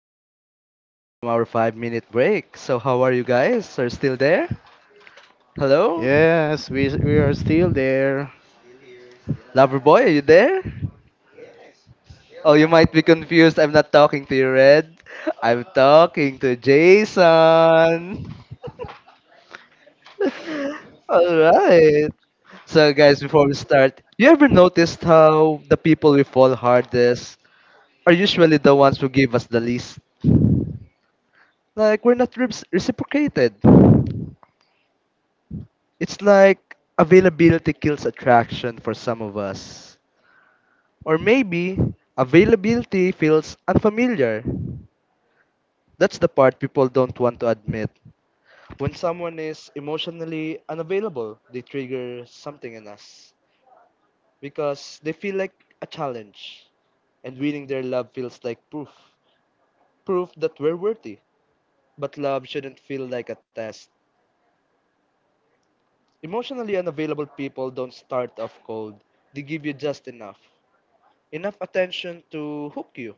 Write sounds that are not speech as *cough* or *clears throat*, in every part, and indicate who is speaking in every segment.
Speaker 1: guys. Now we're back from our 5-minute break. So how are you guys? Are still there? Hello?
Speaker 2: Yes, we are still there.
Speaker 3: Still here, still alive.
Speaker 1: Loverboy. Are you there?
Speaker 3: Yes, still
Speaker 1: Oh, you
Speaker 3: alive.
Speaker 1: might be confused. I'm not talking to you, Red. I'm talking to Jason. Alright. So guys, before we start, you ever noticed how the people we fall hardest are usually the ones who give us the least? Like we're not reciprocated. It's like availability kills attraction for some of us. Or maybe availability feels unfamiliar. That's the part people don't want to admit. When someone is emotionally unavailable, they trigger something in us because they feel like a challenge, and winning their love feels like proof that we're worthy. But love shouldn't feel like a test. Emotionally unavailable people don't start off cold, they give you just enough attention to hook you,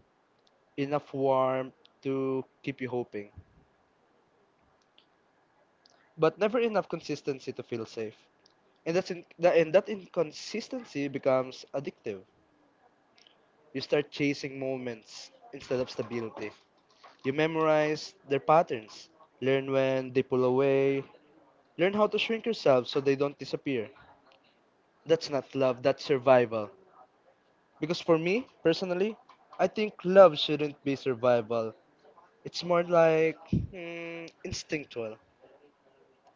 Speaker 1: enough warmth to keep you hoping, but never enough consistency to feel safe. And that inconsistency becomes addictive. You start chasing moments instead of stability. You memorize their patterns, learn when they pull away, learn how to shrink yourself so they don't disappear. That's not love, that's survival. Because for me, personally, I think love shouldn't be survival. It's more like instinctual.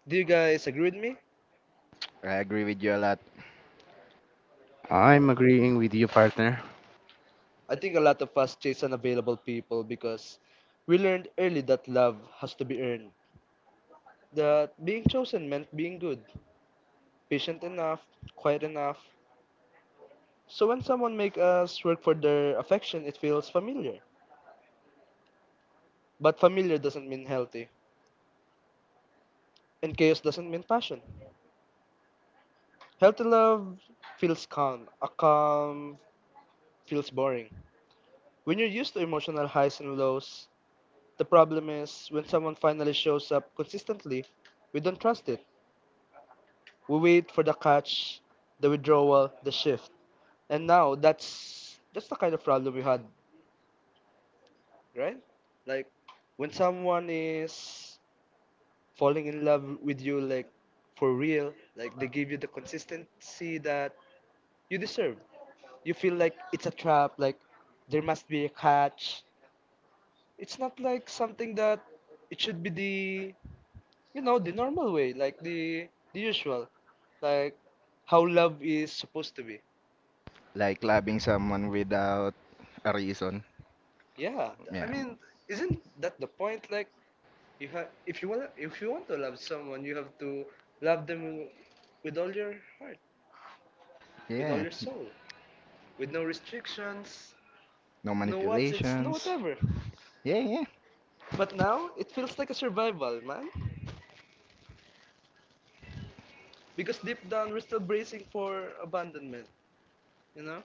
Speaker 1: Do you guys agree with me?
Speaker 3: I agree with you a lot.
Speaker 2: I'm agreeing with you, partner.
Speaker 1: I think a lot of us chase unavailable people because we learned early that love has to be earned. That being chosen meant being good, patient enough, quiet enough. So when someone makes us work for their affection, it feels familiar. But familiar doesn't mean healthy, and chaos doesn't mean passion. Healthy love feels calm. A calm feels boring. When you're used to emotional highs and lows, the problem is when someone finally shows up consistently, we don't trust it. We wait for the catch, the withdrawal, the shift. And now that's the kind of problem we had, right? Like when someone is falling in love with you like for real, like they give you the consistency that you deserve. You feel like it's a trap, like there must be a catch. It's not like something that it should be the normal way, like the usual. Like how love is supposed to be.
Speaker 3: Like loving someone without a reason.
Speaker 1: Yeah, I
Speaker 3: Yeah. Yes,
Speaker 1: mean, isn't
Speaker 3: isn't—
Speaker 1: that the point? Like, you have if you want to love someone, you have to love them with all your heart, with all
Speaker 3: Yeah.
Speaker 1: your soul, with no restrictions,
Speaker 3: No
Speaker 1: no
Speaker 3: manipulations.
Speaker 1: whatever.
Speaker 3: No. Yeah, yeah.
Speaker 1: But now it feels like a survival, man, because deep down we're still bracing for abandonment, you know.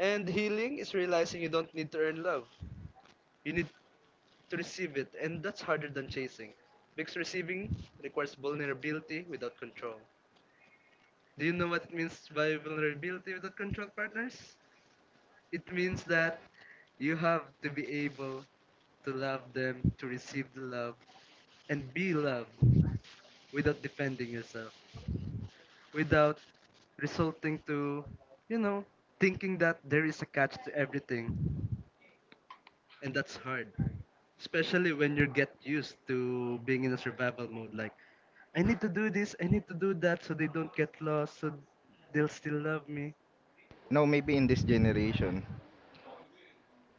Speaker 1: And healing is realizing you don't need to earn love, you need to receive it, and that's harder than chasing, because receiving requires vulnerability without control. Do you know what it means by vulnerability without control partners? It means that you have to be able to love them, to receive the love, and be loved without defending yourself, without resulting to, you know, thinking that there is a catch to everything. And that's hard, especially when you get used to being in a survival mode. Like, I need to do this, I need to do that so they don't get lost, so they'll still love me.
Speaker 3: No, maybe in this generation.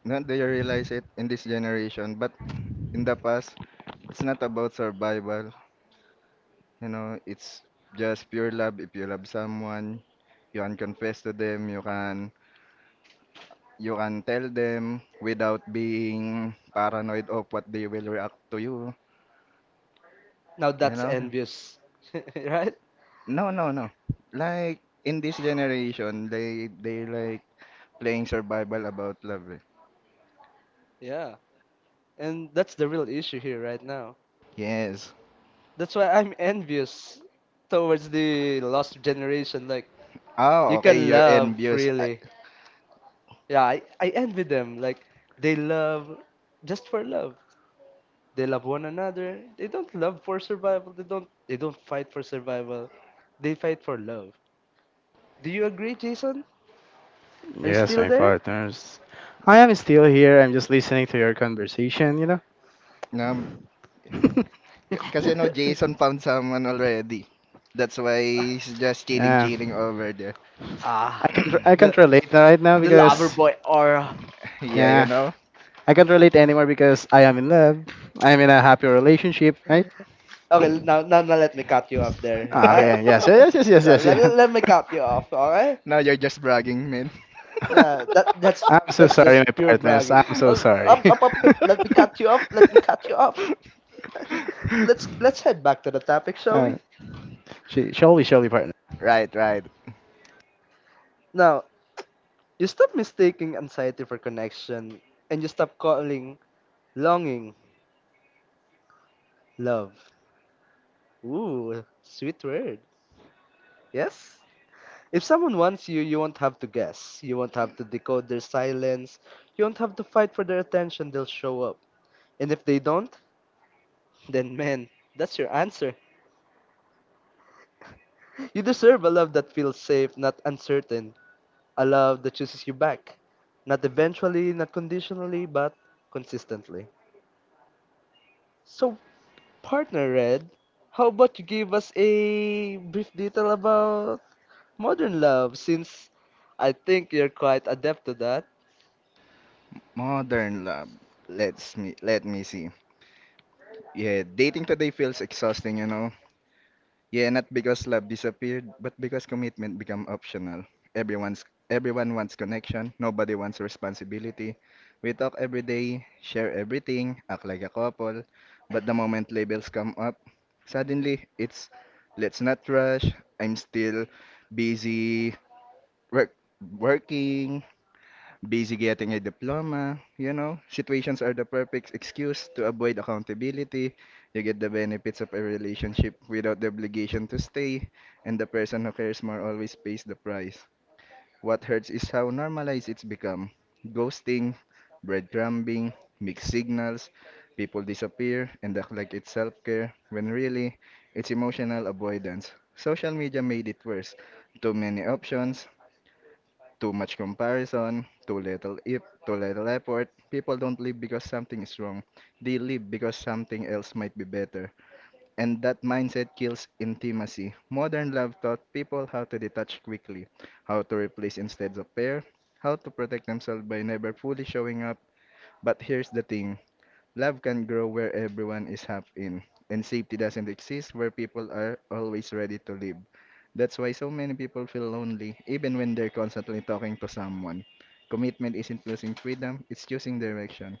Speaker 3: Not that you realize it in this generation, but in the past, it's not about survival. You know, it's just pure love. If you love someone, you can confess to them. You can tell them without being paranoid of what they will react to you.
Speaker 1: Now
Speaker 3: You
Speaker 1: that's
Speaker 3: know?
Speaker 1: envious, *laughs* right?
Speaker 3: No, no, no. Like in this generation, they like playing survival about love. Eh.
Speaker 1: Yeah. And that's the real issue here right now.
Speaker 3: Yes.
Speaker 1: That's why I'm envious towards the lost generation. Like,
Speaker 3: Oh,
Speaker 1: you
Speaker 3: okay,
Speaker 1: can
Speaker 3: you're
Speaker 1: love
Speaker 3: envious.
Speaker 1: freely. Yeah, I envy them. Like, they love just for love. They love one another. They don't love for survival. They don't fight for survival. They fight for love. Do you agree, Jason? Are you
Speaker 2: Yes,
Speaker 1: still
Speaker 2: my
Speaker 1: there?
Speaker 2: partners. I am still here. I'm just listening to your conversation. You know.
Speaker 3: Um,
Speaker 2: *laughs*
Speaker 3: K- kasi no,
Speaker 1: *laughs*
Speaker 3: Jason found someone already. That's why he's just chilling,
Speaker 2: Yeah,
Speaker 3: chilling over there. *coughs*
Speaker 1: ah,
Speaker 2: I
Speaker 1: the
Speaker 2: can't relate right
Speaker 3: *clears throat*
Speaker 2: now
Speaker 3: Ha-
Speaker 1: the
Speaker 3: na-
Speaker 1: lover
Speaker 2: because
Speaker 1: boy aura.
Speaker 3: *laughs* Yeah, you
Speaker 2: yeah,
Speaker 3: know?
Speaker 2: I can't relate anymore because I am in love. I am in a happy relationship, right?
Speaker 1: Okay, now, let me cut you off there.
Speaker 2: Ah,
Speaker 1: Right?
Speaker 2: okay. Yes.
Speaker 1: Uh,
Speaker 2: Yes. Yes. Yes.
Speaker 1: uh,
Speaker 2: Yes.
Speaker 1: Let,
Speaker 2: Yeah.
Speaker 1: let, let me cut you off, alright?
Speaker 3: *laughs* No, you're just bragging, man.
Speaker 1: Nah,
Speaker 2: *laughs*
Speaker 1: that
Speaker 2: *laughs*
Speaker 1: that's
Speaker 2: I'm so
Speaker 1: that's
Speaker 2: sorry,
Speaker 1: just
Speaker 2: my
Speaker 1: pure
Speaker 2: partners.
Speaker 1: bragging.
Speaker 2: I'm so sorry.
Speaker 1: Up,
Speaker 2: *laughs*
Speaker 1: up, up. Let me
Speaker 3: *laughs*
Speaker 1: cut you off. Let me cut you off. *laughs* Let's head back to the topic, shall
Speaker 2: uh,
Speaker 1: we?
Speaker 2: shall we, partner?
Speaker 3: Right, right.
Speaker 1: Now, you stop mistaking anxiety for connection, and you stop calling longing love. Ooh, sweet word. Yes. If someone wants you, you won't have to guess. You won't have to decode their silence. You won't have to fight for their attention. They'll show up. And if they don't, then man, that's your answer. You deserve a love that feels safe, not uncertain. A love that chooses you back. Not eventually, not conditionally, but consistently. So, partner Red, how about you give us a brief detail about modern love since I think you're quite adept to that.
Speaker 3: Modern love. Let me see. Yeah, dating today feels exhausting, you know. Yeah, not because love disappeared, but because commitment become optional. Everyone's everyone wants connection, nobody wants responsibility. We talk every day, share everything, act like a couple, but the moment labels come up, suddenly it's let's not rush. I'm still busy work working busy getting a diploma, you know, situations are the perfect excuse to avoid accountability. You get the benefits of a relationship without the obligation to stay, and the person who cares more always pays the price. What hurts is how normalized it's become. Ghosting, breadcrumbing, mixed signals, people disappear and act like it's self-care, when really, it's emotional avoidance. Social media made it worse. Too many options, too much comparison, too little effort. People don't live because something is wrong. They live because something else might be better. And that mindset kills intimacy. Modern love taught people how to detach quickly, how to replace instead of pair, how to protect themselves by never fully showing up. But here's the thing: love can grow where everyone is happy in, and safety doesn't exist where people are always ready to live. That's why so many people feel lonely, even when they're constantly talking to someone. Commitment isn't losing freedom, it's choosing direction.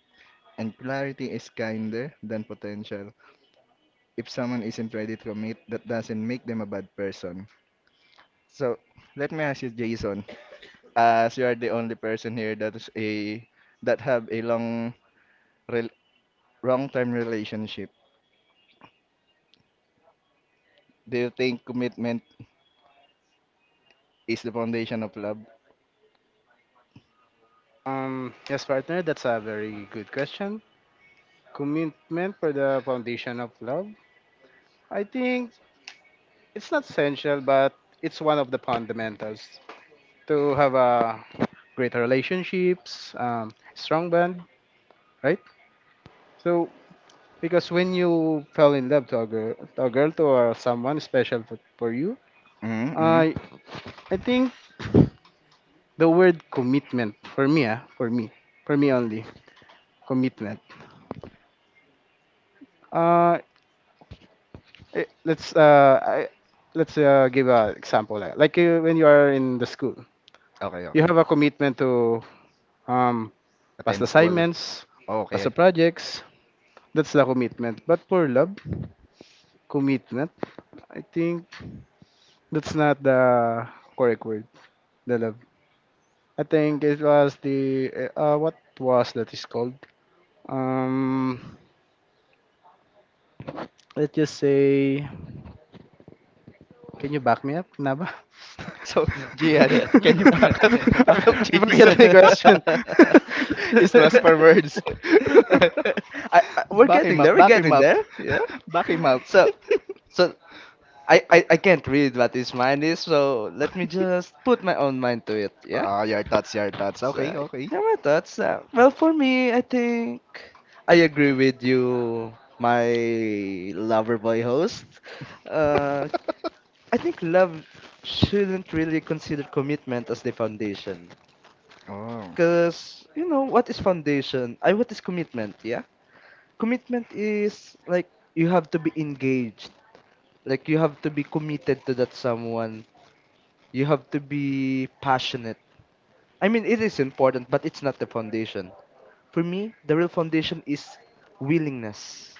Speaker 3: And clarity is kinder than potential. If someone isn't ready to commit, that doesn't make them a bad person. So, let me ask you, Jason, as you are the only person here that is a that have a rel long-term relationship. Do you think commitment is the foundation of love?
Speaker 2: Yes, partner. That's a very good question. Commitment for the foundation of love. I think it's not essential, but it's one of the fundamentals to have a great relationships, strong bond, right? So because when you fell in love to a girl, to someone special for you,
Speaker 3: Mm-hmm, mm-hmm.
Speaker 2: uh, I think the word commitment for me, for me, for me only commitment. Uh, eh, let's uh, I, let's give an example. Like you, when you are in the school,
Speaker 3: Okay,
Speaker 2: you
Speaker 3: okay.
Speaker 2: have a commitment to um past
Speaker 3: Attend school.
Speaker 2: assignments,
Speaker 3: Oh,
Speaker 2: pass the
Speaker 3: okay. *laughs*
Speaker 2: projects. That's the commitment. But for love, commitment, I think that's not the correct word. The love. I think it was the what was that is called. Um, let's just say, can you back me up, Naba?
Speaker 3: So,
Speaker 1: *laughs*
Speaker 2: *laughs*
Speaker 1: I for-
Speaker 3: Gian, can you
Speaker 2: I
Speaker 1: I forget
Speaker 3: back up, *laughs* back up
Speaker 2: I
Speaker 1: the
Speaker 2: forget
Speaker 3: Jason?
Speaker 2: the question. *laughs*
Speaker 3: *laughs* He's lost for words.
Speaker 1: question.
Speaker 3: *laughs*
Speaker 1: We're
Speaker 3: Back him
Speaker 1: getting there.
Speaker 3: up,
Speaker 1: We're
Speaker 3: back him
Speaker 1: getting
Speaker 3: up.
Speaker 1: there. Yeah.
Speaker 3: *laughs* Back him up.
Speaker 1: So,
Speaker 3: *laughs*
Speaker 1: so, I can't read what his mind is. So let me just put my own mind to it. Yeah.
Speaker 3: Ah, your thoughts, your thoughts.
Speaker 1: So
Speaker 3: Okay, okay.
Speaker 1: yeah, my thoughts. Well, for me, I think I agree with you, my lover boy host. Uh,
Speaker 3: *laughs*
Speaker 1: I think love shouldn't really consider commitment as the foundation.
Speaker 3: Oh.
Speaker 1: Because, you know, what is foundation? I What is commitment, yeah? Commitment is like you have to be engaged. Like you have to be committed to that someone. You have to be passionate. I mean, it is important, but it's not the foundation. For me, the real foundation is willingness.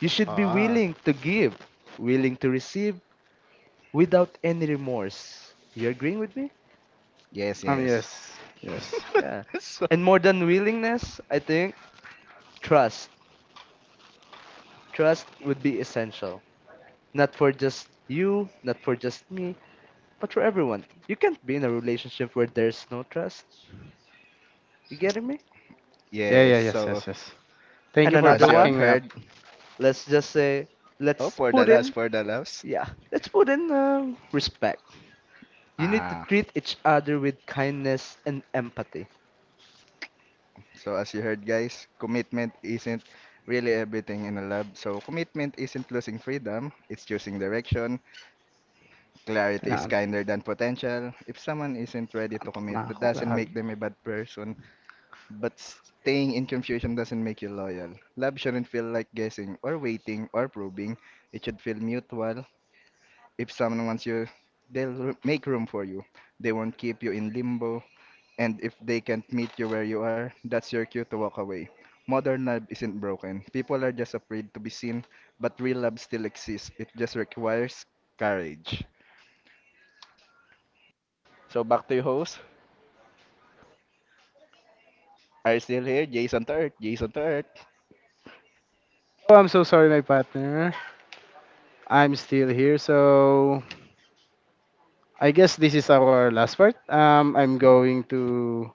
Speaker 1: You should be
Speaker 3: Ah.
Speaker 1: willing to give, willing to receive without any remorse. You agreeing with me?
Speaker 3: Yes, yes.
Speaker 2: yes, yes.
Speaker 1: Yeah.
Speaker 3: *laughs* So,
Speaker 1: And more than willingness, I think trust. Trust would be essential. Not for just you, not for just me, but for everyone. You can't be in a relationship where there's no trust. You getting me?
Speaker 2: Yeah,
Speaker 3: yes,
Speaker 2: yes,
Speaker 3: so
Speaker 2: yes, yes. Thank
Speaker 1: And
Speaker 2: you for
Speaker 3: as
Speaker 1: another
Speaker 3: you have
Speaker 2: backing
Speaker 1: one,
Speaker 2: me up.
Speaker 3: heard—
Speaker 1: let's just say,
Speaker 3: Oh,
Speaker 1: let's
Speaker 3: for the
Speaker 1: put
Speaker 3: loves,
Speaker 1: in,
Speaker 3: for the loves.
Speaker 1: yeah, let's put in respect. You need to
Speaker 3: Ah,
Speaker 1: treat each other with kindness and empathy.
Speaker 3: so as you heard, guys, commitment isn't really everything in a love. So commitment isn't losing freedom; it's choosing direction. Clarity is
Speaker 2: Na
Speaker 3: kinder than potential. If someone isn't ready to
Speaker 2: antok na
Speaker 3: commit, that
Speaker 2: ako,
Speaker 3: doesn't make
Speaker 2: gagi.
Speaker 3: them a bad person. But staying in confusion doesn't make you loyal. Love shouldn't feel like guessing or waiting or proving. It should feel mutual. If someone wants you, they'll r- make room for you. They won't keep you in limbo. And if they can't meet you where you are, that's your cue to walk away. Modern love isn't broken. People are just afraid to be seen, but real love still exists. It just requires courage. So back to your host. Are you still here? Jason to Earth. Jason to Earth.
Speaker 2: Oh, I'm so sorry, my partner. I'm still here, so I guess this is our last part. I'm going to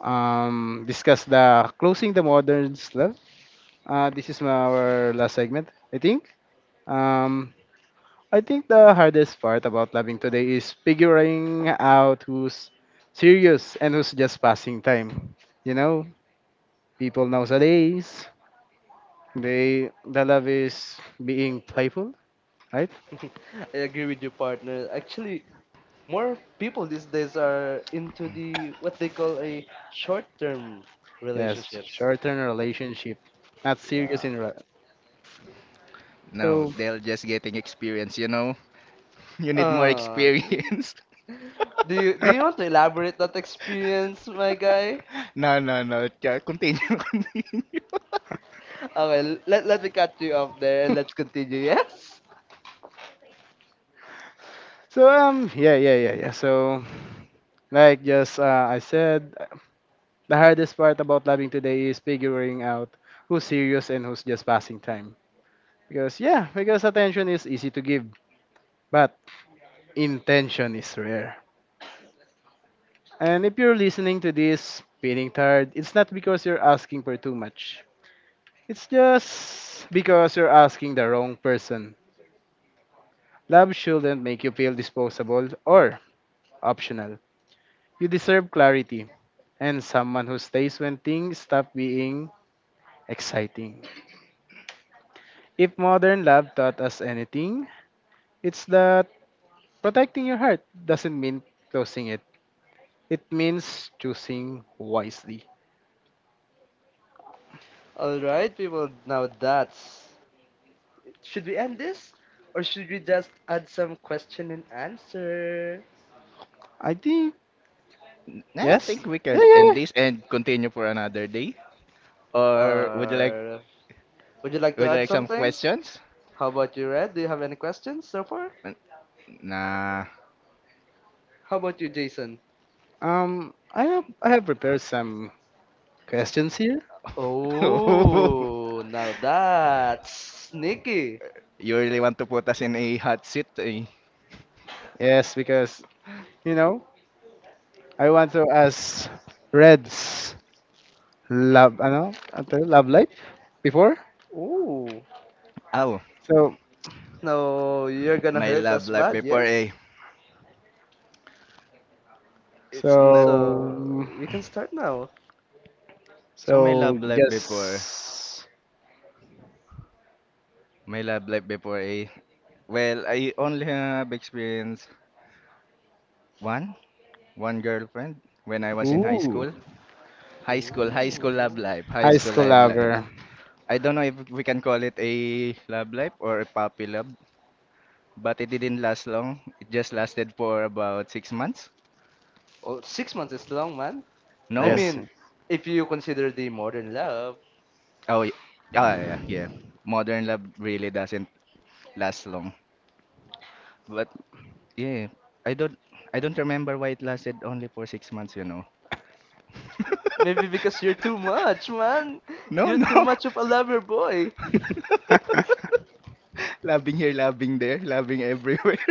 Speaker 2: discuss the closing the modern love. This is our last segment, I think. Um, I think the hardest part about loving today is figuring out who's serious and who's just passing time. You know, people nowadays, the love is being playful, right?
Speaker 1: *laughs* I agree with you, partner. Actually, more people these days are into the what they call a short-term
Speaker 2: Yes,
Speaker 1: relationships.
Speaker 2: short-term relationship, not serious in. Re-
Speaker 3: No,
Speaker 2: so *laughs*
Speaker 3: they're just getting experience, you know? *laughs* You need more
Speaker 1: Uh,
Speaker 3: experience. *laughs*
Speaker 1: do you want to elaborate that experience, my guy?
Speaker 3: No, no, no. Ca- Continue, *laughs* continue.
Speaker 1: Okay, let me cut you off there and let's continue. Yes?
Speaker 2: Yeah, So like just I said, the hardest part about loving today is figuring out who's serious and who's just passing time. Because, yeah, because attention is easy to give, but intention is rare. And if you're listening to this feeling tired, it's not because you're asking for too much. It's just because you're asking the wrong person. Love shouldn't make you feel disposable or optional. You deserve clarity and someone who stays when things stop being exciting. If modern love taught us anything, it's that protecting your heart doesn't mean closing it. It means choosing wisely.
Speaker 1: Alright, people. Now that's. Should we end this? Or should we just add some question and answer?
Speaker 2: I think
Speaker 3: *laughs* I
Speaker 2: yes.
Speaker 3: think we
Speaker 2: Yeah,
Speaker 3: can
Speaker 2: yeah,
Speaker 3: end
Speaker 2: yeah.
Speaker 3: this and continue for another day. Or would you like—
Speaker 1: Or would you like to
Speaker 3: would you
Speaker 1: add
Speaker 3: like some
Speaker 1: something?
Speaker 3: questions?
Speaker 1: How about you, Red? Do you have any questions so far?
Speaker 3: N- Nah.
Speaker 1: How about you, Jason?
Speaker 2: I have prepared some questions here.
Speaker 1: Oh,
Speaker 3: *laughs*
Speaker 1: now that's sneaky.
Speaker 3: You really want to put us in a hot seat? Eh?
Speaker 2: Yes, because you know I want to ask Red's love, love life before.
Speaker 1: Oh,
Speaker 3: Oh,
Speaker 2: So,
Speaker 1: now you're gonna
Speaker 3: my
Speaker 1: hurt
Speaker 3: love
Speaker 1: us
Speaker 3: life
Speaker 1: bad,
Speaker 3: before, a.
Speaker 1: yes?
Speaker 3: It's not.
Speaker 2: so,
Speaker 1: So you can start now.
Speaker 3: So my
Speaker 2: so
Speaker 3: love life before.
Speaker 2: just
Speaker 3: My love life before, a. Well, I only have experience one, one girlfriend when I was in high
Speaker 2: ooh,
Speaker 3: school. High school, high school love
Speaker 1: Ooh.
Speaker 3: life, high
Speaker 2: high
Speaker 3: school
Speaker 2: school
Speaker 3: life
Speaker 2: lover.
Speaker 3: life. I don't know if we can call it a love life or a puppy love, but it didn't last long. It just lasted for about 6 months.
Speaker 1: Oh, 6 months is long, man. I
Speaker 3: No.
Speaker 2: Yes.
Speaker 1: mean, if you consider the modern love,
Speaker 3: Oh, y- ah, yeah, yeah. Modern love really doesn't last long. But yeah, I don't, I don't remember why it lasted only for 6 months. You know.
Speaker 1: maybe
Speaker 3: *laughs*
Speaker 1: because you're too much, man.
Speaker 3: No,
Speaker 1: You're
Speaker 3: no.
Speaker 1: too
Speaker 3: *laughs*
Speaker 1: much of a lover boy.
Speaker 2: *laughs*
Speaker 3: Loving here, loving there, loving everywhere.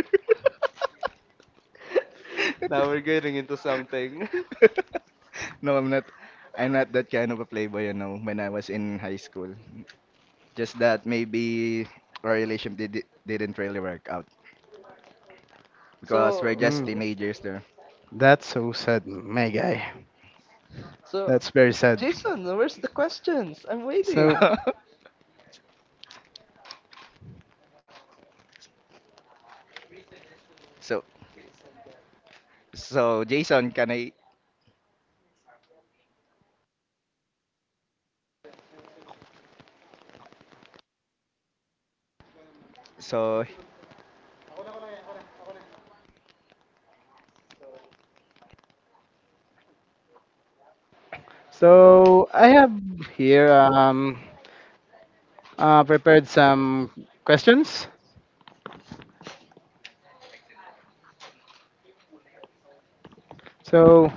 Speaker 3: *laughs*
Speaker 1: *laughs* Now we're getting into something.
Speaker 3: *laughs* No, I'm not. I'm not that kind of a playboy, you know, when I was in high school. Just that maybe didn't really work out
Speaker 1: *laughs*
Speaker 3: because we're just
Speaker 1: so,
Speaker 2: Mm,
Speaker 3: teenagers there.
Speaker 2: that's so sad, my guy.
Speaker 1: so,
Speaker 2: That's very sad.
Speaker 1: Jason, where's the questions? I'm
Speaker 2: So,
Speaker 1: waiting.
Speaker 3: *laughs* So, so Jason, can I? So,
Speaker 2: so I have here prepared some questions. So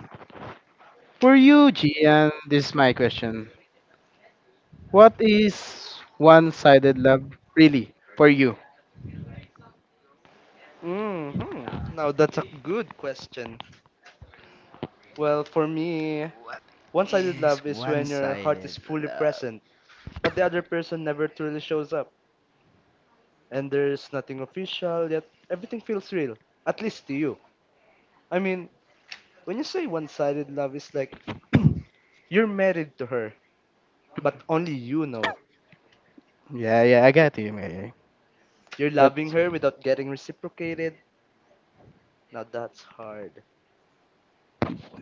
Speaker 2: for you, Gian, this is my question. What is one-sided love really for you?
Speaker 1: hmm Now that's a good question. Well, for me,
Speaker 3: what
Speaker 1: one-sided
Speaker 3: is
Speaker 1: love is when your heart
Speaker 3: one-sided
Speaker 1: is fully
Speaker 3: love?
Speaker 1: present, but the other person never truly shows up. And there's nothing official, yet everything feels real, at least to you. I mean, when you say one sided love is like *clears throat* you're married to her, but only you know.
Speaker 2: Yeah, yeah, I got you, my guy.
Speaker 1: You're
Speaker 2: That's
Speaker 1: loving her without getting reciprocated. Now that's hard.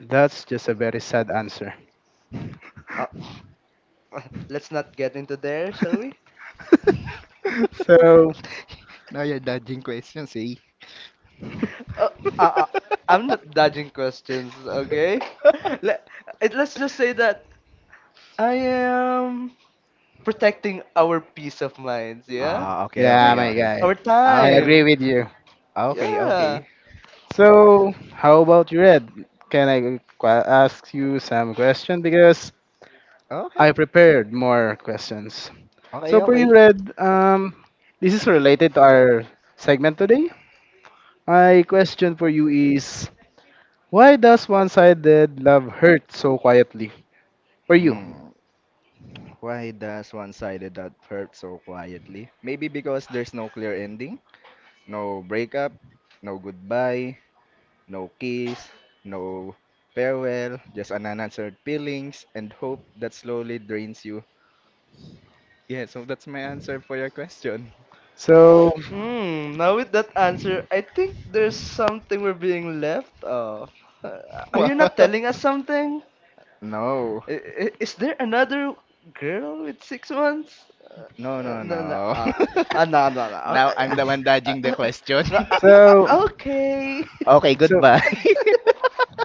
Speaker 2: that's just a very sad answer.
Speaker 1: Uh, *laughs* let's not get into there, shall we?
Speaker 3: *laughs*
Speaker 2: *laughs* So
Speaker 3: Now you're dodging questions, eh?
Speaker 1: Uh, uh, uh, I'm not dodging questions, okay? *laughs* Let, let's just say that
Speaker 3: *laughs*
Speaker 1: I am protecting our peace of minds, yeah?
Speaker 3: Ah, okay,
Speaker 2: yeah,
Speaker 3: okay,
Speaker 2: my
Speaker 3: okay.
Speaker 2: guy,
Speaker 1: Our
Speaker 2: I
Speaker 3: Okay.
Speaker 2: agree
Speaker 1: time.
Speaker 2: with you.
Speaker 3: Ah, okay,
Speaker 1: Yeah.
Speaker 3: okay.
Speaker 2: So, how about you, Red? Can I ask you some questions? Because
Speaker 3: Ah, okay, okay,
Speaker 2: I prepared more questions. So, for you,
Speaker 3: okay.
Speaker 2: Red, this is related to our segment today. My question for you is why does one sided love hurt so quietly? For you.
Speaker 3: Hmm, why does one-sided that hurt so quietly? Maybe because there's no clear ending, no breakup, no goodbye, no kiss, no farewell, just an unanswered feelings and hope that slowly drains you. Yeah, so that's my answer for your question.
Speaker 2: So,
Speaker 1: Now with that answer, I think there's something we're being left off. Uh, Are you not telling
Speaker 3: *laughs*
Speaker 1: us something?
Speaker 3: No.
Speaker 1: Is there another girl with 6 months?
Speaker 3: No, no,
Speaker 1: No, no,
Speaker 3: no. *laughs*
Speaker 1: no, no, no.
Speaker 3: Now I'm the one
Speaker 1: Uh,
Speaker 3: dodging the question. *laughs*
Speaker 1: no,
Speaker 2: so,
Speaker 1: uh, okay. *laughs*
Speaker 3: Okay,
Speaker 2: so,
Speaker 3: goodbye. *laughs*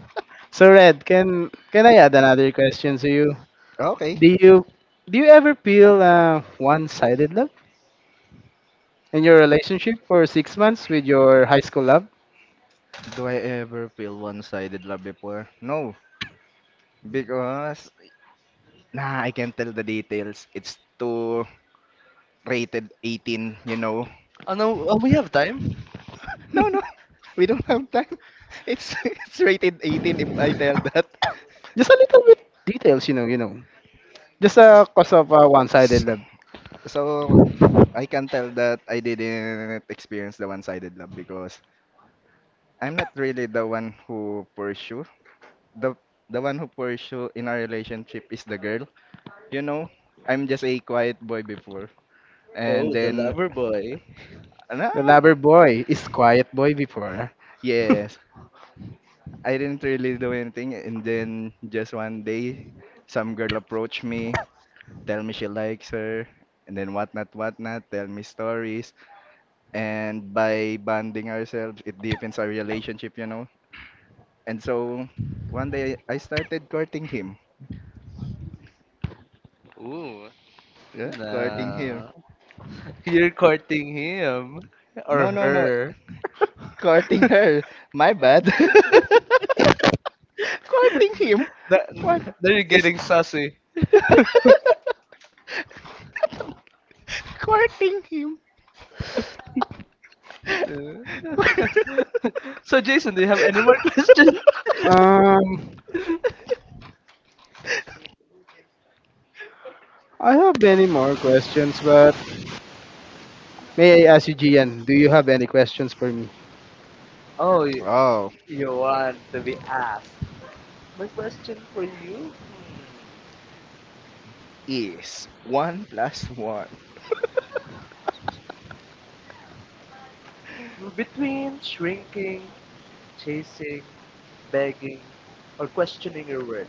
Speaker 2: Red, can I add another question to you?
Speaker 3: Okay.
Speaker 2: Do you do you ever feel one sided love in your relationship for six months with your high school love?
Speaker 3: Do I ever feel one-sided love before? No, because nah, I can't tell the details. It's too rated 18, you know.
Speaker 1: Oh no, we have time.
Speaker 3: No, no. *laughs* We don't have time. *laughs* It's *laughs* it's rated 18 if I tell that.
Speaker 2: Just a little bit details, you know, you know. Just cause of
Speaker 3: *laughs*
Speaker 2: one-sided
Speaker 3: S-
Speaker 2: love.
Speaker 3: So I can tell that I didn't experience the one-sided love because I'm not really the one who pursue. The the one who pursue in our relationship is the girl. You know, I'm just a quiet boy before. And
Speaker 1: Oh, the
Speaker 3: then
Speaker 1: lover boy.
Speaker 2: The
Speaker 3: ah,
Speaker 2: lover boy is quiet boy before. *laughs*
Speaker 3: yes, I didn't really do anything and then just one day some girl approached me, tell me she likes her and then whatnot whatnot, tell me stories and by bonding ourselves it deepens our relationship, you know. And so one day I started courting him.
Speaker 1: Ooh,
Speaker 3: Yeah, courting him.
Speaker 1: nah. You're courting him or
Speaker 3: No, no, no.
Speaker 1: her.
Speaker 3: Courting her. My bad.
Speaker 1: *laughs*
Speaker 3: *laughs* Courting him.
Speaker 1: Now
Speaker 3: What?
Speaker 1: now you're
Speaker 3: Is
Speaker 1: getting sassy.
Speaker 3: *laughs* courting him.
Speaker 1: Uh. *laughs* So, Jason, do you have any more *laughs* questions?
Speaker 2: Um, I have many more questions, but may I ask you, Gian, do you have any questions for me?
Speaker 1: Oh, you,
Speaker 3: Oh,
Speaker 1: you want to be asked. My question for you
Speaker 3: is one plus one.
Speaker 1: between shrinking, chasing, begging, or questioning your worth,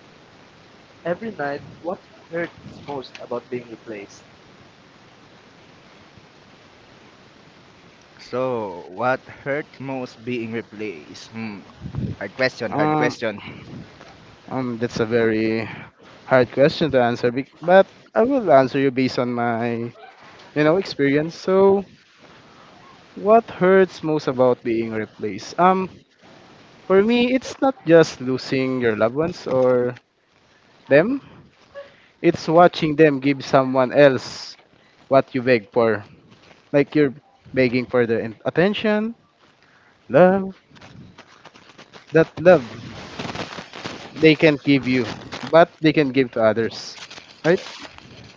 Speaker 1: every night, what hurts most about being replaced?
Speaker 3: So, what hurt most being replaced? Hmm. Hard question, hard
Speaker 2: Um,
Speaker 3: question.
Speaker 2: that's a very hard question to answer, but I will answer you based on my, you know, experience. So, what hurts most about being replaced? For me, it's not just losing your loved ones or them. It's watching them give someone else what you beg for. Like you're begging for their attention, love, that love they can give you, but they can give to others. Right?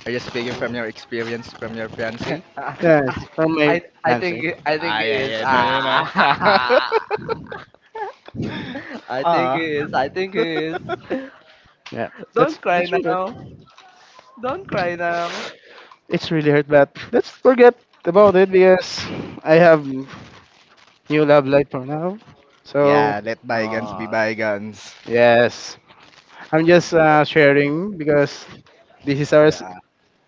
Speaker 3: Are you speaking from your experience from your fiance?
Speaker 1: *laughs*
Speaker 2: Yes, from
Speaker 1: I,
Speaker 2: my
Speaker 1: I
Speaker 2: answer.
Speaker 1: think I think
Speaker 3: Ah,
Speaker 1: it
Speaker 3: yeah,
Speaker 1: is
Speaker 3: yeah, no, no, no. *laughs*
Speaker 1: *laughs* I think
Speaker 3: Ah.
Speaker 1: it is I think it is
Speaker 3: *laughs*
Speaker 2: Yeah,
Speaker 1: *laughs* Don't
Speaker 2: that's
Speaker 1: cry
Speaker 2: that's really
Speaker 1: now.
Speaker 2: hard.
Speaker 1: Don't cry now.
Speaker 2: It's really hurt but let's forget about it because I have new love life for now. So
Speaker 3: Yeah, let bygones be
Speaker 1: Oh.
Speaker 3: bygones.
Speaker 2: yes, I'm just sharing because this is our s-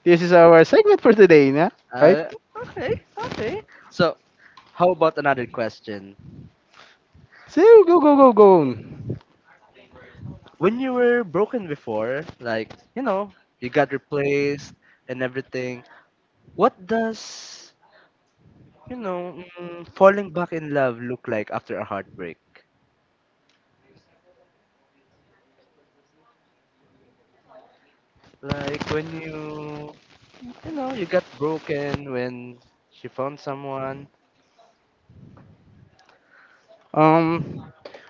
Speaker 2: this is our segment for today, nah? Right?
Speaker 1: Okay, okay. So, how about another question?
Speaker 2: So go go go go.
Speaker 1: When you were broken before, like, you got replaced and everything, what does, falling back in love look like after a heartbreak? Like, when you, you got broken when she found someone.
Speaker 2: Um.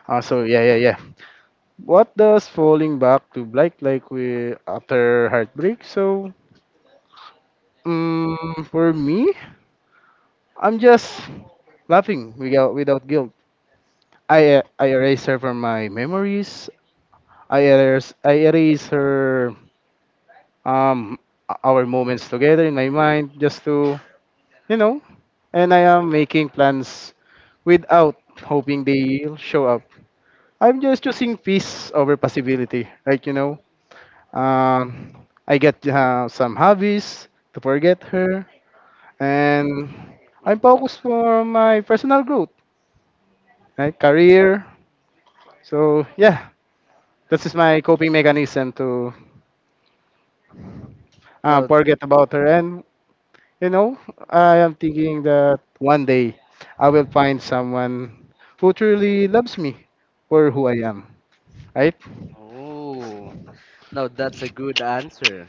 Speaker 2: So yeah, What does falling back to black like we after heartbreak? So for me, I'm just laughing without guilt. I erase her from my memories. I erase her um our moments together in my mind just to you know, and I am making plans without hoping they'll show up. I'm just choosing peace over possibility, right? You know, um, I get some hobbies to forget her, and I'm
Speaker 1: Mhm.
Speaker 2: focused for my personal growth, right? Career. So yeah, this is my coping mechanism to
Speaker 1: Now,
Speaker 2: forget about her, and you know, I am thinking that one day I will find someone who truly loves me for who I am, right?
Speaker 1: oh, now, that's a good answer.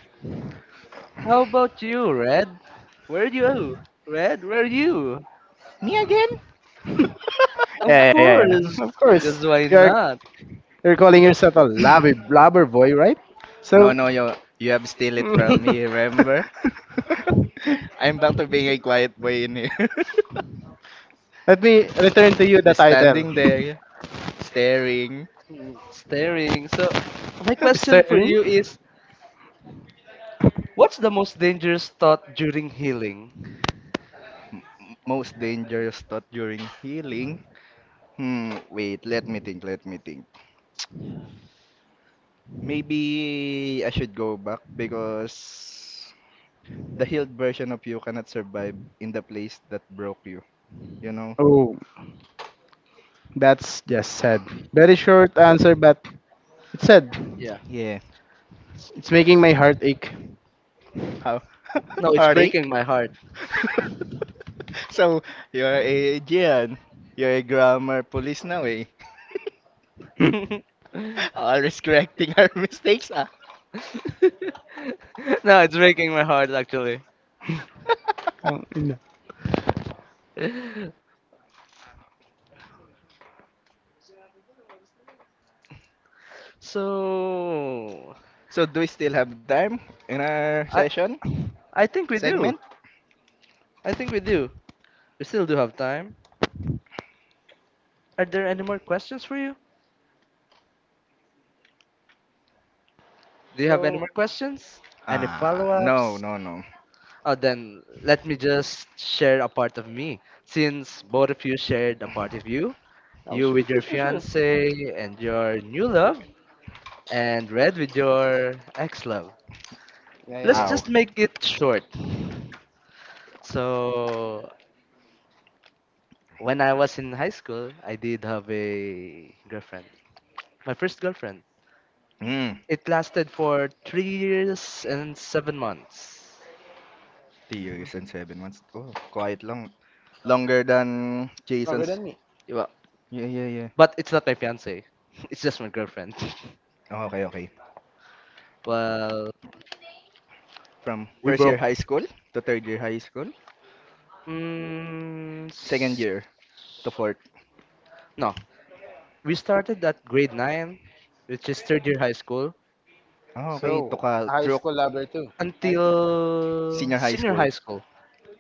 Speaker 1: How about you, Red? Where you? Red, where you?
Speaker 3: Me again?
Speaker 1: Of
Speaker 2: Yeah,
Speaker 3: *laughs*
Speaker 2: yeah, yeah,
Speaker 1: course,
Speaker 2: yeah. *laughs* Of course,
Speaker 1: because why
Speaker 2: you're
Speaker 1: not?
Speaker 2: you're calling yourself a lobby blobber boy, right?
Speaker 3: No,
Speaker 2: So
Speaker 3: no, you have steal it from me,
Speaker 2: *laughs*
Speaker 3: remember? *laughs* I'm back to
Speaker 1: *laughs*
Speaker 3: being a quiet boy in here.
Speaker 2: let me return to you
Speaker 3: *laughs*
Speaker 2: the
Speaker 3: Just
Speaker 2: title. *laughs*
Speaker 3: standing there, staring.
Speaker 1: Mm, staring. So, my question for
Speaker 2: Sterling.
Speaker 1: you
Speaker 3: *laughs*
Speaker 1: is what's the most dangerous thought during healing?
Speaker 3: Most dangerous thought during healing. Hmm, wait, let me think. Maybe I should go back because the healed version of you cannot survive in the place that broke you. You know?
Speaker 2: Oh, that's just sad. Very short answer, but it's sad.
Speaker 1: Yeah.
Speaker 3: Yeah.
Speaker 2: It's making my heart ache.
Speaker 3: How? *laughs*
Speaker 1: No, it's breaking
Speaker 3: Heartache?
Speaker 1: my heart.
Speaker 3: *laughs* So, you're a Gian. You're a grammar police now, eh?
Speaker 1: *laughs* No,
Speaker 3: *laughs* Always correcting our *laughs* mistakes, ah.
Speaker 1: it's breaking my heart actually.
Speaker 2: Um, in the-
Speaker 1: So,
Speaker 3: So, do we still have time in our
Speaker 1: I
Speaker 3: session?
Speaker 1: I think we do.
Speaker 3: Segment?
Speaker 1: I think we do. We still do have time. Are there any more questions for you? Do you have any
Speaker 2: so,
Speaker 1: more questions? Any
Speaker 3: Ah, no,
Speaker 1: follow-ups?
Speaker 3: no, no.
Speaker 1: Oh, then let me just share a part of me. Since both of you shared a part of you,
Speaker 2: oh,
Speaker 1: you
Speaker 2: sure,
Speaker 1: with
Speaker 2: sure,
Speaker 1: your
Speaker 2: sure, sure.
Speaker 1: fiance and your new love, and Red with your ex love.
Speaker 2: Yeah,
Speaker 1: Let's
Speaker 2: yeah,
Speaker 3: Ow.
Speaker 1: just
Speaker 2: yeah.
Speaker 1: make it short. So, when I was in high school, I did have a girlfriend. My first girlfriend.
Speaker 3: Mm.
Speaker 1: It lasted for 3 years and 7 months.
Speaker 3: 2 years and 7 months. Oh, quiet lang. Longer than
Speaker 2: Longer
Speaker 3: Jason's.
Speaker 2: than me.
Speaker 1: Well,
Speaker 3: Yeah, yeah, yeah.
Speaker 1: but it's not my fiance. *laughs* It's just my girlfriend. *laughs*
Speaker 3: Oh, okay, okay.
Speaker 1: Well,
Speaker 3: From
Speaker 1: we
Speaker 3: first year
Speaker 1: broke
Speaker 3: high school to third year high school,
Speaker 1: Mm,
Speaker 3: second
Speaker 1: s-
Speaker 3: year to fourth.
Speaker 1: no, we started at grade 9, which is third year high school,
Speaker 3: Oh, okay, to
Speaker 2: So,
Speaker 3: ka
Speaker 2: high
Speaker 3: through
Speaker 2: school lover too, right?
Speaker 1: until
Speaker 3: senior high
Speaker 1: senior
Speaker 3: school.
Speaker 1: high school,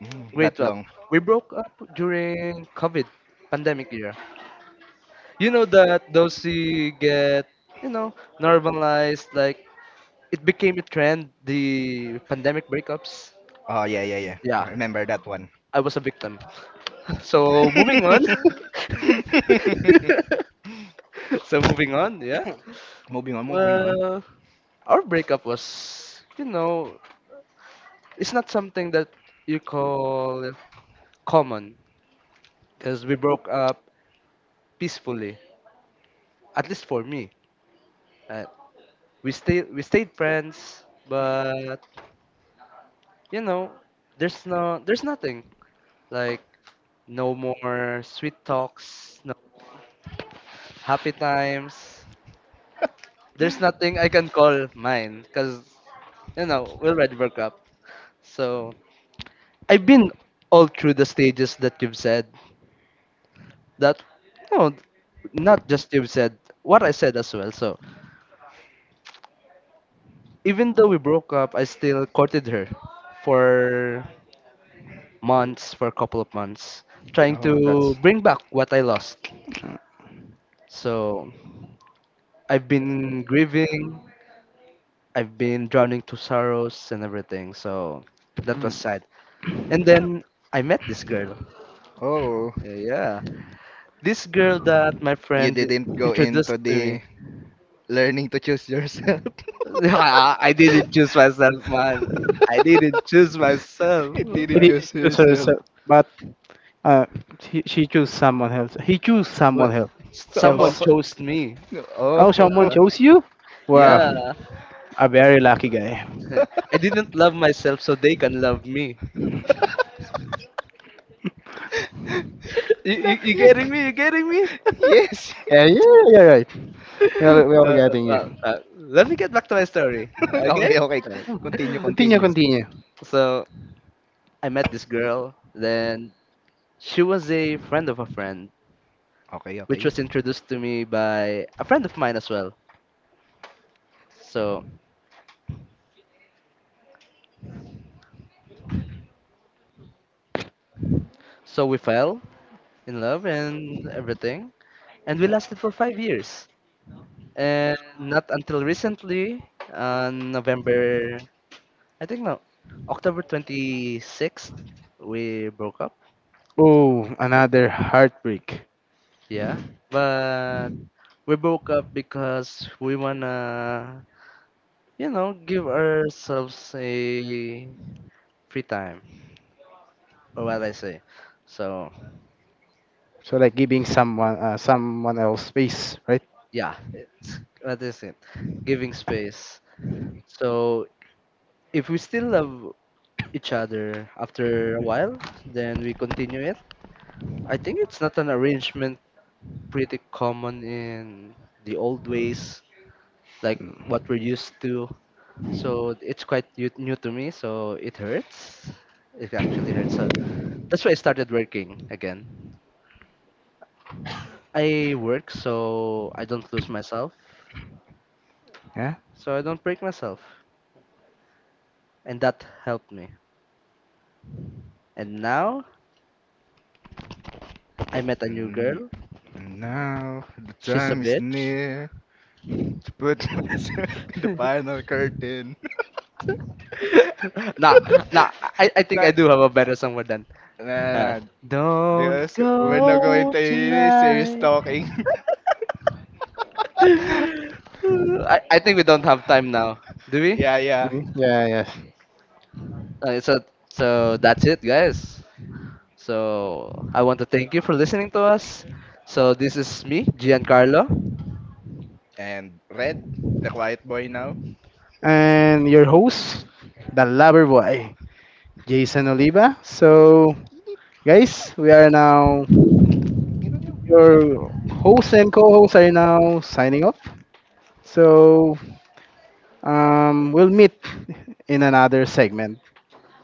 Speaker 3: Mm,
Speaker 1: grade
Speaker 3: that
Speaker 1: 12.
Speaker 3: long.
Speaker 1: We broke up during COVID pandemic year. You know that those you get, you know, normalized. Like it became a trend, the pandemic breakups.
Speaker 3: Oh, yeah, yeah, yeah.
Speaker 1: Yeah,
Speaker 3: I remember that one.
Speaker 1: I was a victim. *laughs* So moving on.
Speaker 3: *laughs*
Speaker 1: *laughs* So moving on. Yeah.
Speaker 3: Moving on, moving on.
Speaker 1: Well. Our breakup was, it's not something that you call common because we broke up peacefully. At least for me, uh, we stayed friends, but you know, there's nothing like no more sweet talks, no happy times. There's nothing I can call mine because you know we already broke up. So I've been all through the stages that you've said, that no not just you said what I said as well. So even though we broke up, I still courted her for for a couple of months, trying
Speaker 3: Oh,
Speaker 1: to
Speaker 3: that's—
Speaker 1: bring back what I lost. So I've been grieving, I've been drowning to sorrows and everything, so that
Speaker 2: Hmm.
Speaker 1: was sad. And then I met this girl,
Speaker 3: Oh,
Speaker 1: yeah, this girl that my
Speaker 3: you
Speaker 1: friend
Speaker 3: didn't go into
Speaker 1: introduced to me.
Speaker 3: the learning to choose yourself.
Speaker 1: *laughs* Yeah, I didn't
Speaker 3: *laughs*
Speaker 1: choose myself, man. I didn't choose myself.
Speaker 3: It
Speaker 2: He
Speaker 3: didn't
Speaker 2: didn't
Speaker 3: choose
Speaker 2: choose
Speaker 3: yourself.
Speaker 2: herself, but uh, she chose someone else. He chose someone
Speaker 1: But
Speaker 2: else.
Speaker 3: Oh.
Speaker 1: someone
Speaker 2: Else.
Speaker 3: *laughs*
Speaker 1: chose me.
Speaker 3: Oh.
Speaker 2: Oh, someone
Speaker 1: Uh,
Speaker 2: chose
Speaker 3: *laughs*
Speaker 2: you? Wow,
Speaker 1: yeah.
Speaker 2: a very lucky guy.
Speaker 1: *laughs* I didn't love myself so they can love me. *laughs* You,
Speaker 3: The
Speaker 1: you, you getting
Speaker 3: heck?
Speaker 1: me? You getting me? *laughs*
Speaker 3: Yes.
Speaker 2: Yeah, yeah, yeah, right.
Speaker 1: uh,
Speaker 2: Well, well,
Speaker 1: uh,
Speaker 2: getting you.
Speaker 1: let me get back to my story.
Speaker 3: *laughs*
Speaker 1: Okay?
Speaker 3: Okay, okay.
Speaker 1: *laughs*
Speaker 2: Hmm.
Speaker 3: Continue,
Speaker 1: Uh,
Speaker 2: Continue,
Speaker 3: continue.
Speaker 2: continue.
Speaker 1: So I met this girl. Then she was a friend of a friend,
Speaker 3: Okay,
Speaker 1: which
Speaker 3: okay.
Speaker 1: was introduced to me by a friend of mine as well. So so we fell in love and everything. And we lasted for 5 years. And not until recently, on November, I think no, October 26th, we broke up.
Speaker 2: Oh, another heartbreak.
Speaker 1: Yeah. But we broke up because we wanna, give ourselves a free time, or what I say. So,
Speaker 2: So like giving someone, someone else space, right?
Speaker 1: yeah, it's, what is it? Giving space. So, if we still love each other after a while, then we continue it. I think it's not an arrangement pretty common in the old ways, like what we're used to. So it's quite new to me, so it hurts. It actually hurts. So that's why I started working again. I work so I don't lose myself,
Speaker 2: Yeah.
Speaker 1: so I don't break myself, and that helped me. And now I met a new
Speaker 3: And,
Speaker 1: girl.
Speaker 3: and now the
Speaker 1: She's a
Speaker 3: time is
Speaker 1: bitch.
Speaker 3: near to put *laughs* myself in the
Speaker 1: *laughs*
Speaker 3: final curtain. *laughs*
Speaker 1: *laughs* Nah, nah. I think
Speaker 3: Nah,
Speaker 1: I do have a better song with that.
Speaker 3: nah,
Speaker 1: Uh,
Speaker 3: nah.
Speaker 1: don't
Speaker 3: Because we're not going
Speaker 1: go
Speaker 3: to really serious
Speaker 1: tonight. *sighs*
Speaker 3: talking. *laughs* *laughs*
Speaker 1: I think we don't have time now, do we?
Speaker 3: Yeah, yeah.
Speaker 2: Yeah, yes.
Speaker 1: Uh, so so that's it, guys. So I want to thank you for listening to us. So this is me, Giancarlo.
Speaker 3: And Red, the quiet boy now.
Speaker 2: And your host, the lover boy, Jason Oliva. So, guys, we are now
Speaker 3: Tingnan nyo.
Speaker 2: your host and co host are now signing off. So we'll meet in another segment.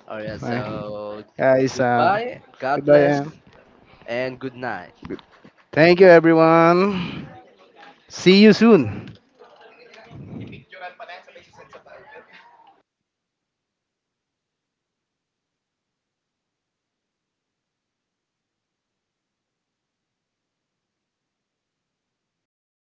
Speaker 1: All right.
Speaker 2: Uh,
Speaker 1: So
Speaker 2: Guys,
Speaker 1: goodbye. God
Speaker 2: goodbye.
Speaker 1: bless
Speaker 2: And
Speaker 1: and good night.
Speaker 2: thank you, everyone. See you soon.